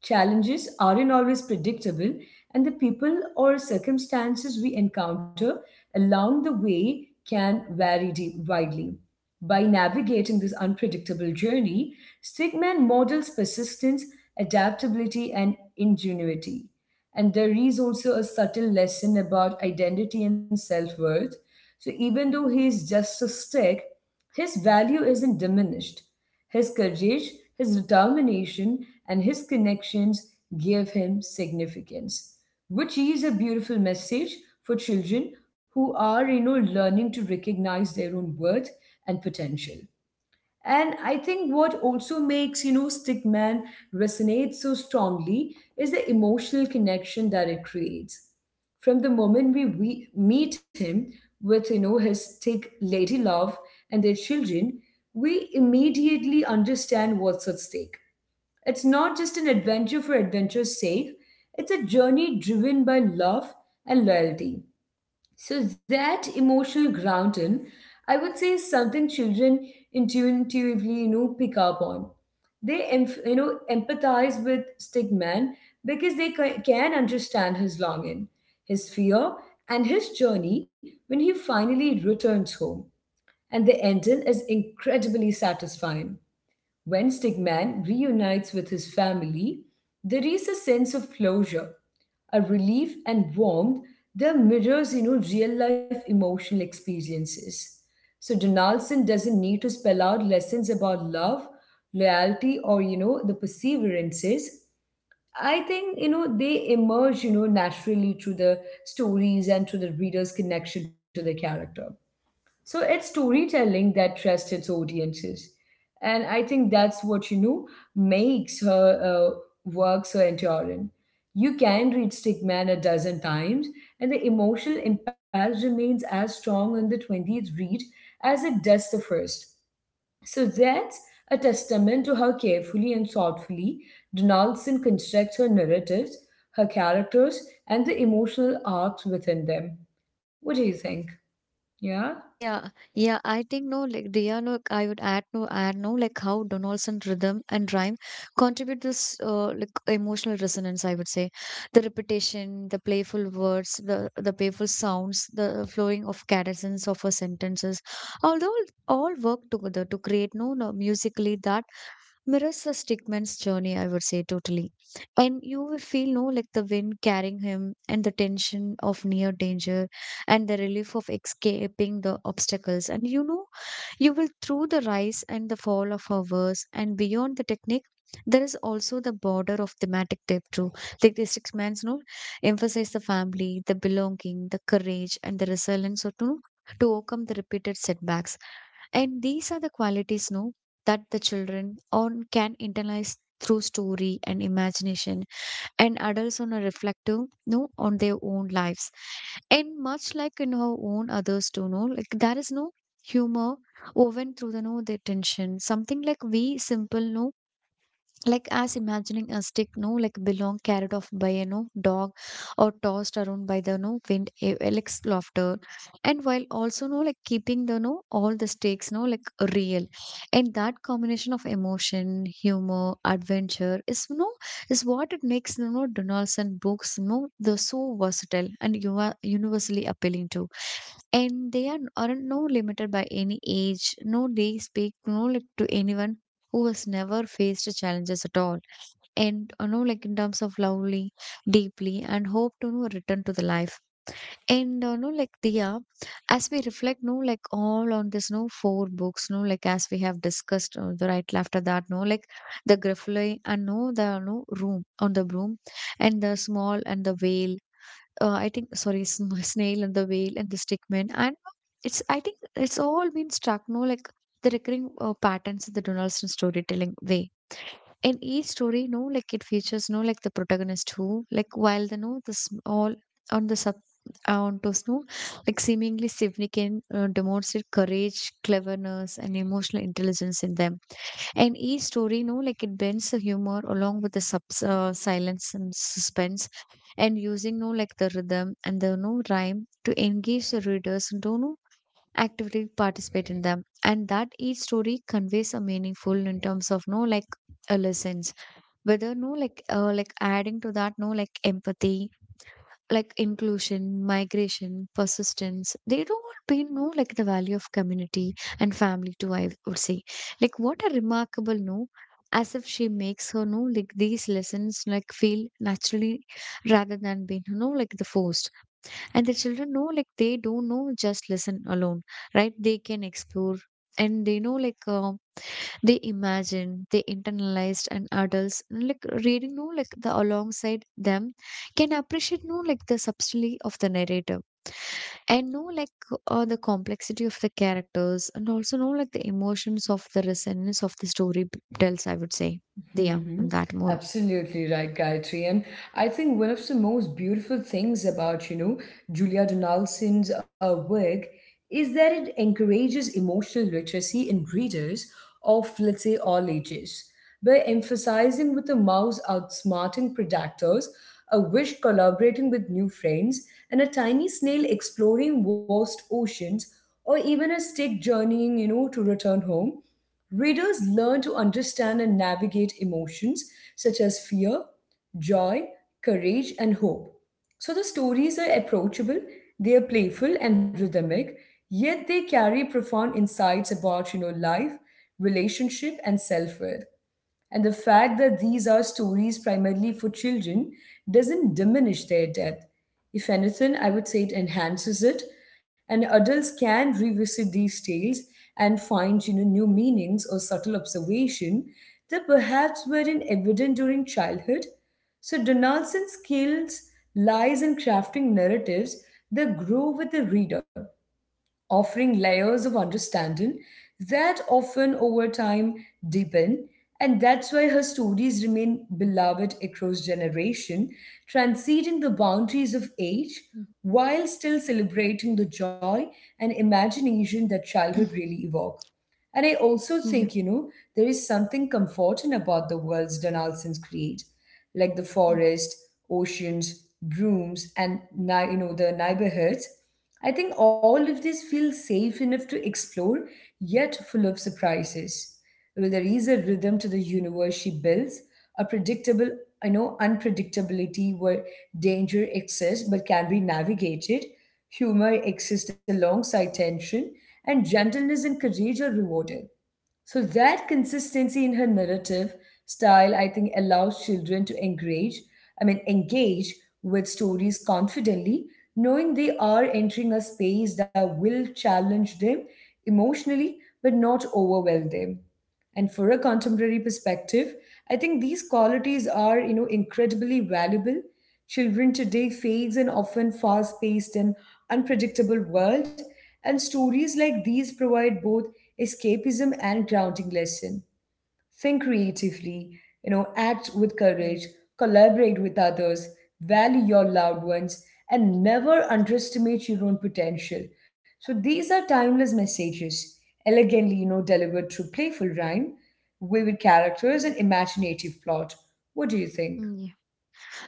A: Challenges aren't always predictable, and the people or circumstances we encounter along the way can vary de- widely. By navigating this unpredictable journey, Stigman models persistence, adaptability, and ingenuity. And there is also a subtle lesson about identity and self worth, so even though he is just a stick, his value isn't diminished. His courage, his determination, and his connections give him significance, which is a beautiful message for children who are, you know, learning to recognize their own worth and potential. And I think what also makes, you know, Stickman resonate so strongly is the emotional connection that it creates. From the moment we, we meet him with, you know, his stick lady love and their children, we immediately understand what's at stake. It's not just an adventure for adventure's sake, it's a journey driven by love and loyalty. So that emotional grounding, I would say, is something children intuitively, you know, pick up on. They, emph- you know, empathize with Stigman because they ca- can understand his longing, his fear, and his journey when he finally returns home. And the ending is incredibly satisfying. When Stigman reunites with his family, there is a sense of closure, a relief and warmth that mirrors, you know, real life emotional experiences. So Donaldson doesn't need to spell out lessons about love, loyalty, or you know, the perseverances. I think you know they emerge, you know, naturally through the stories and through the reader's connection to the character. So it's storytelling that trusts its audiences. And I think that's what, you know, makes her uh, work so enduring. You can read Stickman a dozen times, and the emotional impact remains as strong on the twentieth read as it does the first. So that's a testament to how carefully and thoughtfully Donaldson constructs her narratives, her characters, and the emotional arcs within them. What do you think? Yeah?
B: Yeah, yeah, I think no, like Dia, no, I would add no, add no, like how Donaldson rhythm and rhyme contribute this uh, like emotional resonance. I would say, the repetition, the playful words, the the playful sounds, the flowing of cadence of her sentences, although all work together to create no, no musically that mirrors the stickman's journey, I would say, totally. And you will feel, no, like the wind carrying him and the tension of near danger and the relief of escaping the obstacles. And you know, you will, through the rise and the fall of our verse and beyond the technique, there is also the border of thematic depth too. Like the six man's note emphasize the family, the belonging, the courage, and the resilience. Or to, to overcome the repeated setbacks. And these are the qualities, no, that the children on can internalize through story and imagination, and adults on are reflective, no, on their own lives. And much like in our own others to know like there is no humor woven through the no their tension, something like we simple, no, like as imagining a stick, no, like belong carried off by a no dog or tossed around by the no wind e- elects laughter. And while also no like keeping the no all the stakes, no, like real. And that combination of emotion humor adventure is, no, is what it makes you know Donaldson books, no, the so versatile and you are universally appealing to. And they are aren't, no, limited by any age, no, they speak, no, like to anyone who has never faced challenges at all. And you know like in terms of lovely deeply and hope to you know return to the life. And uh, no, like Diya, as we reflect, no, like all on this, no, four books, no, like as we have discussed uh, the right after that, no, like the Griffle and no, the no room on the broom, and the small and the whale, uh, I think sorry, sm- snail and the whale and the stickman. And it's, I think it's all been struck, no, like the recurring uh, patterns in the Donaldson storytelling way. In each story, no, like it features, no, like the protagonist who like while the no the small on the sub on to, no, like seemingly significant, uh, demonstrate courage, cleverness, and emotional intelligence in them. And each story, no, like it bends the humor along with the sub, uh, silence and suspense, and using, no, like the rhythm and the no rhyme to engage the readers and to no actively participate in them. And that each story conveys a meaningful in terms of, no, like a lesson, whether no like uh, like adding to that, no, like empathy, like inclusion, migration, persistence, they don't be, no, like the value of community and family too, I would say. Like what a remarkable, no, as if she makes her, no, like these lessons like feel naturally rather than being, no, like the forced. And the children know like they don't know just listen alone, right, they can explore. And they know like uh, they imagined, they internalized, and adults like reading, no, like the alongside them can appreciate, no, like the subtlety of the narrator, and know like uh, the complexity of the characters, and also know like the emotions of the resonance of the story b- tells, I would say. Yeah,
A: hmm
B: and that more.
A: Absolutely right, Gayatri. And I think one of the most beautiful things about, you know, Julia Donaldson's uh, work is that it encourages emotional literacy in readers of, let's say, all ages by emphasizing with the mouse outsmarting predators, a wish collaborating with new friends, and a tiny snail exploring vast oceans, or even a stick journeying, you know, to return home. Readers learn to understand and navigate emotions such as fear, joy, courage, and hope. So the stories are approachable, they are playful and rhythmic, yet they carry profound insights about, you know, life, relationship, and self-worth. And the fact that these are stories primarily for children doesn't diminish their depth. If anything, I would say it enhances it, and adults can revisit these tales and find, you know, new meanings or subtle observation that perhaps weren't evident during childhood. So Donaldson's skills lies in crafting narratives that grow with the reader, offering layers of understanding that often over time deepen, and that's why her stories remain beloved across generation, transcending the boundaries of age
B: Mm.
A: while still celebrating the joy and imagination that childhood really evoke. And I also
B: Yeah.
A: think, you know, there is something comforting about the worlds Donaldson's create, like the
B: Mm,
A: forest, oceans, brooms, and ni- you know, the neighborhoods. I think all of this feels safe enough to explore, yet full of surprises. Well, there is a rhythm to the universe she builds, a predictable, I know, unpredictability, where danger exists but can be navigated. Humor exists alongside tension, and gentleness and courage are rewarded. So, that consistency in her narrative style, I think, allows children to engage, I mean, engage with stories confidently, knowing they are entering a space that will challenge them emotionally but not overwhelm them. And for a contemporary perspective, I think these qualities are, you know, incredibly valuable. Children today face an often fast-paced and unpredictable world, and stories like these provide both escapism and grounding lesson: think creatively, you know, act with
B: mm,
A: courage, collaborate with others, value your loved ones, and never underestimate your own potential. So these are timeless messages, elegantly, you know, delivered through playful rhyme, vivid characters, and imaginative plot. What do you think?
B: mm,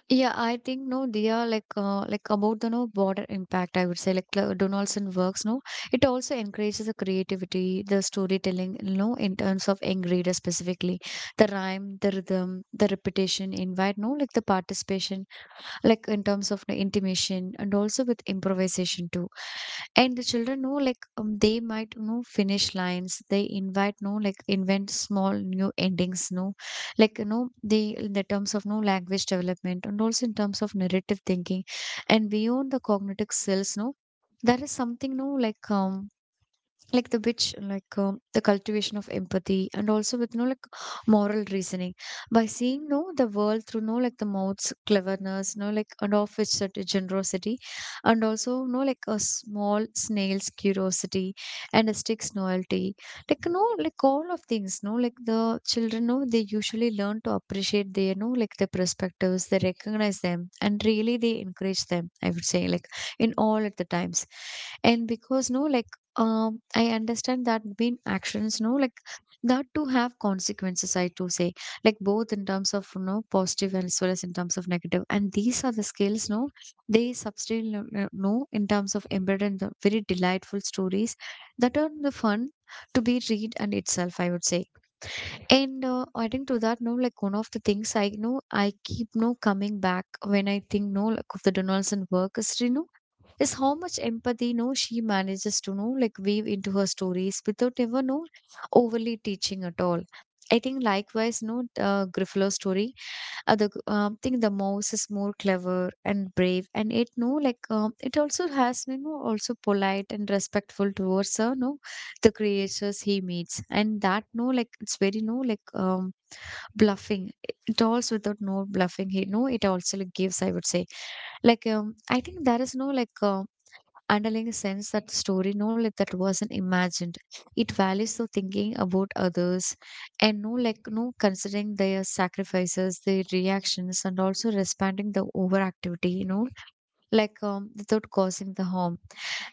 B: yeah. Yeah, I think, no, they are like uh, like about the no border impact, I would say. Like uh, Donaldson works. No, it also encourages the creativity, the storytelling. No, in terms of young readers specifically, the rhyme, the rhythm, the repetition, invite. No, like the participation, like in terms of the intimation and also with improvisation too. And the children know like um, they might know finish lines. They invite no like invent small new endings. No, like you know the in the terms of no language development and also in terms of narrative thinking. And beyond the cognitive skills, no, there is something, no, like um like the which like um, the cultivation of empathy and also with, no, like moral reasoning, by seeing no the world through, no, like the mouth's cleverness, no, like and of which such of generosity, and also, no, like a small snail's curiosity and a stick's loyalty, like, no, like all of things, no, like the children, no, they usually learn to appreciate their, no, like the perspectives, they recognize them, and really they encourage them, I would say, like in all at the times. And because, no, like um I understand that been actions, no, like that to have consequences, I do say, like both in terms of you know positive and as well as in terms of negative. And these are the skills, no, they substantially no no- no, in terms of embedded in the very delightful stories that are the fun to be read and itself, I would say. And uh, adding to that, no, like one of the things I know I keep no coming back when I think, no, like of the Donaldson work is, you know is how much empathy, no, she manages to, know like weave into her stories without ever no overly teaching at all. I think likewise, no, uh, Griffalo story. Uh, the um, thing the mouse is more clever and brave, and it, no, like um, it also has, you know also polite and respectful towards her, no, the creatures he meets. And that, no, like it's very, no, like um bluffing. It also without no bluffing, he, no, it also like gives, I would say, like um I think there is, no, like um underlying sense that story, no, like that wasn't imagined. It values the thinking about others, and, no, like no considering their sacrifices, their reactions, and also responding the overactivity, you know like um, without causing the harm.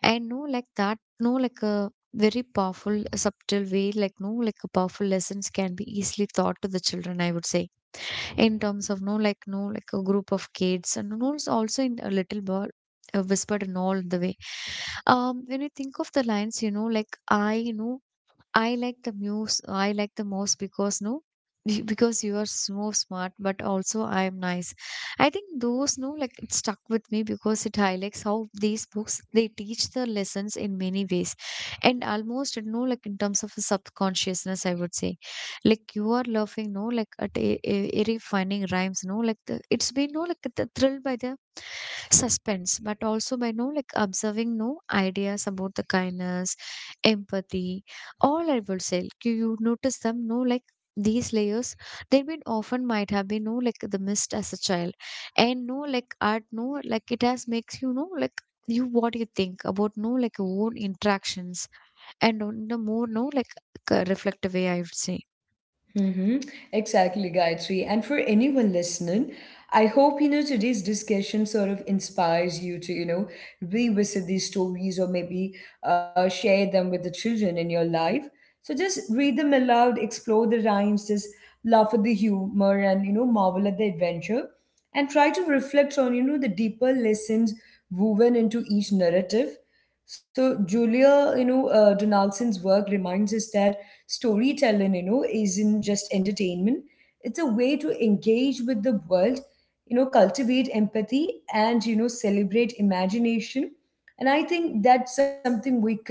B: And, no, like that, no, like a very powerful subtle way, like, no, like a powerful lessons can be easily taught to the children, I would say, in terms of, no, like, no, like a group of kids, and, no, it's also in a little bird uh, whispered and all the way. Um when you think of the lines, you know like I you know I like the most. I like the most because, no, you- because you are so smart, but also I am nice. I think those, no, like it stuck with me because it highlights how these books they teach the lessons in many ways, and almost you know like in terms of a subconsciousness, I would say. Like you are laughing, no, like at a, a, a finding rhymes, no, like the, it's been, no, like the thrill by the suspense, but also by, no, like observing no ideas about the kindness, empathy all, I would say. Like, you you notice them, no, like these layers, they been often might have been, no, like the mist as a child. And, no, like art, no, like it has makes, you know, like you what you think about, no, like your own interactions, and on the more, no, like c- reflective way, I would say.
A: Mm-hmm. Exactly, Gayatri. And for anyone listening, I hope you know today's discussion sort of inspires you to, you know, revisit these stories, or maybe uh, share them with the children in your life. So just read them aloud, explore the rhymes, just laugh at the humor, and you know marvel at the adventure, and try to reflect on you know the deeper lessons woven into each narrative. So Julia, you know, uh, Donaldson's work reminds us that storytelling, you know, isn't just entertainment. It's a way to engage with the world, you know, cultivate empathy and, you know, celebrate imagination. And I think that's something we could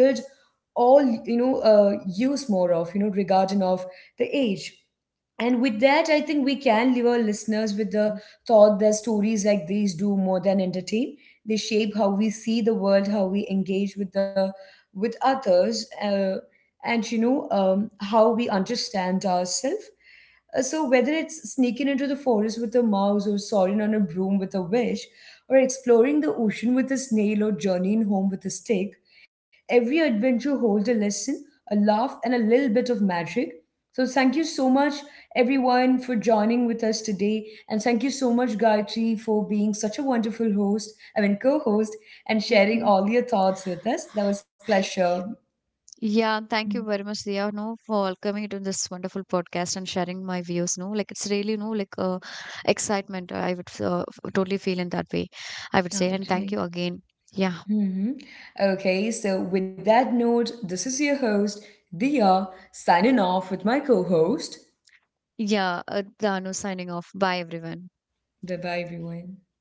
A: all, you know, uh, use more of, you know, regarding of the age. And with that, I think we can leave our listeners with the thought that stories like these do more than entertain. They shape how we see the world, how we engage with the with others, uh, and you know um, how we understand ourselves. Uh, so whether it's sneaking into the forest with a mouse or soaring on a broom with a wish, or exploring the ocean with a snail or journeying home with a stick, every adventure holds a lesson, a laugh, and a little bit of magic. So thank you so much everyone for joining with us today. And thank you so much, Gayatri, for being such a wonderful host, I mean, co host, and sharing all your thoughts with us. That was pleasure.
B: Yeah, thank you very much, Dia, no, for welcoming me to this wonderful podcast and sharing my views. No, like it's really, no, like uh, excitement. I would uh, f- totally feel in that way, I would say.
A: All
B: And thank you
A: right.
B: again. Yeah,
A: hmm Okay, so with that note, this is your host, Dia, signing off with my co host.
B: yeah. Uh, Danu signing off. Bye, everyone.
A: Bye bye, everyone.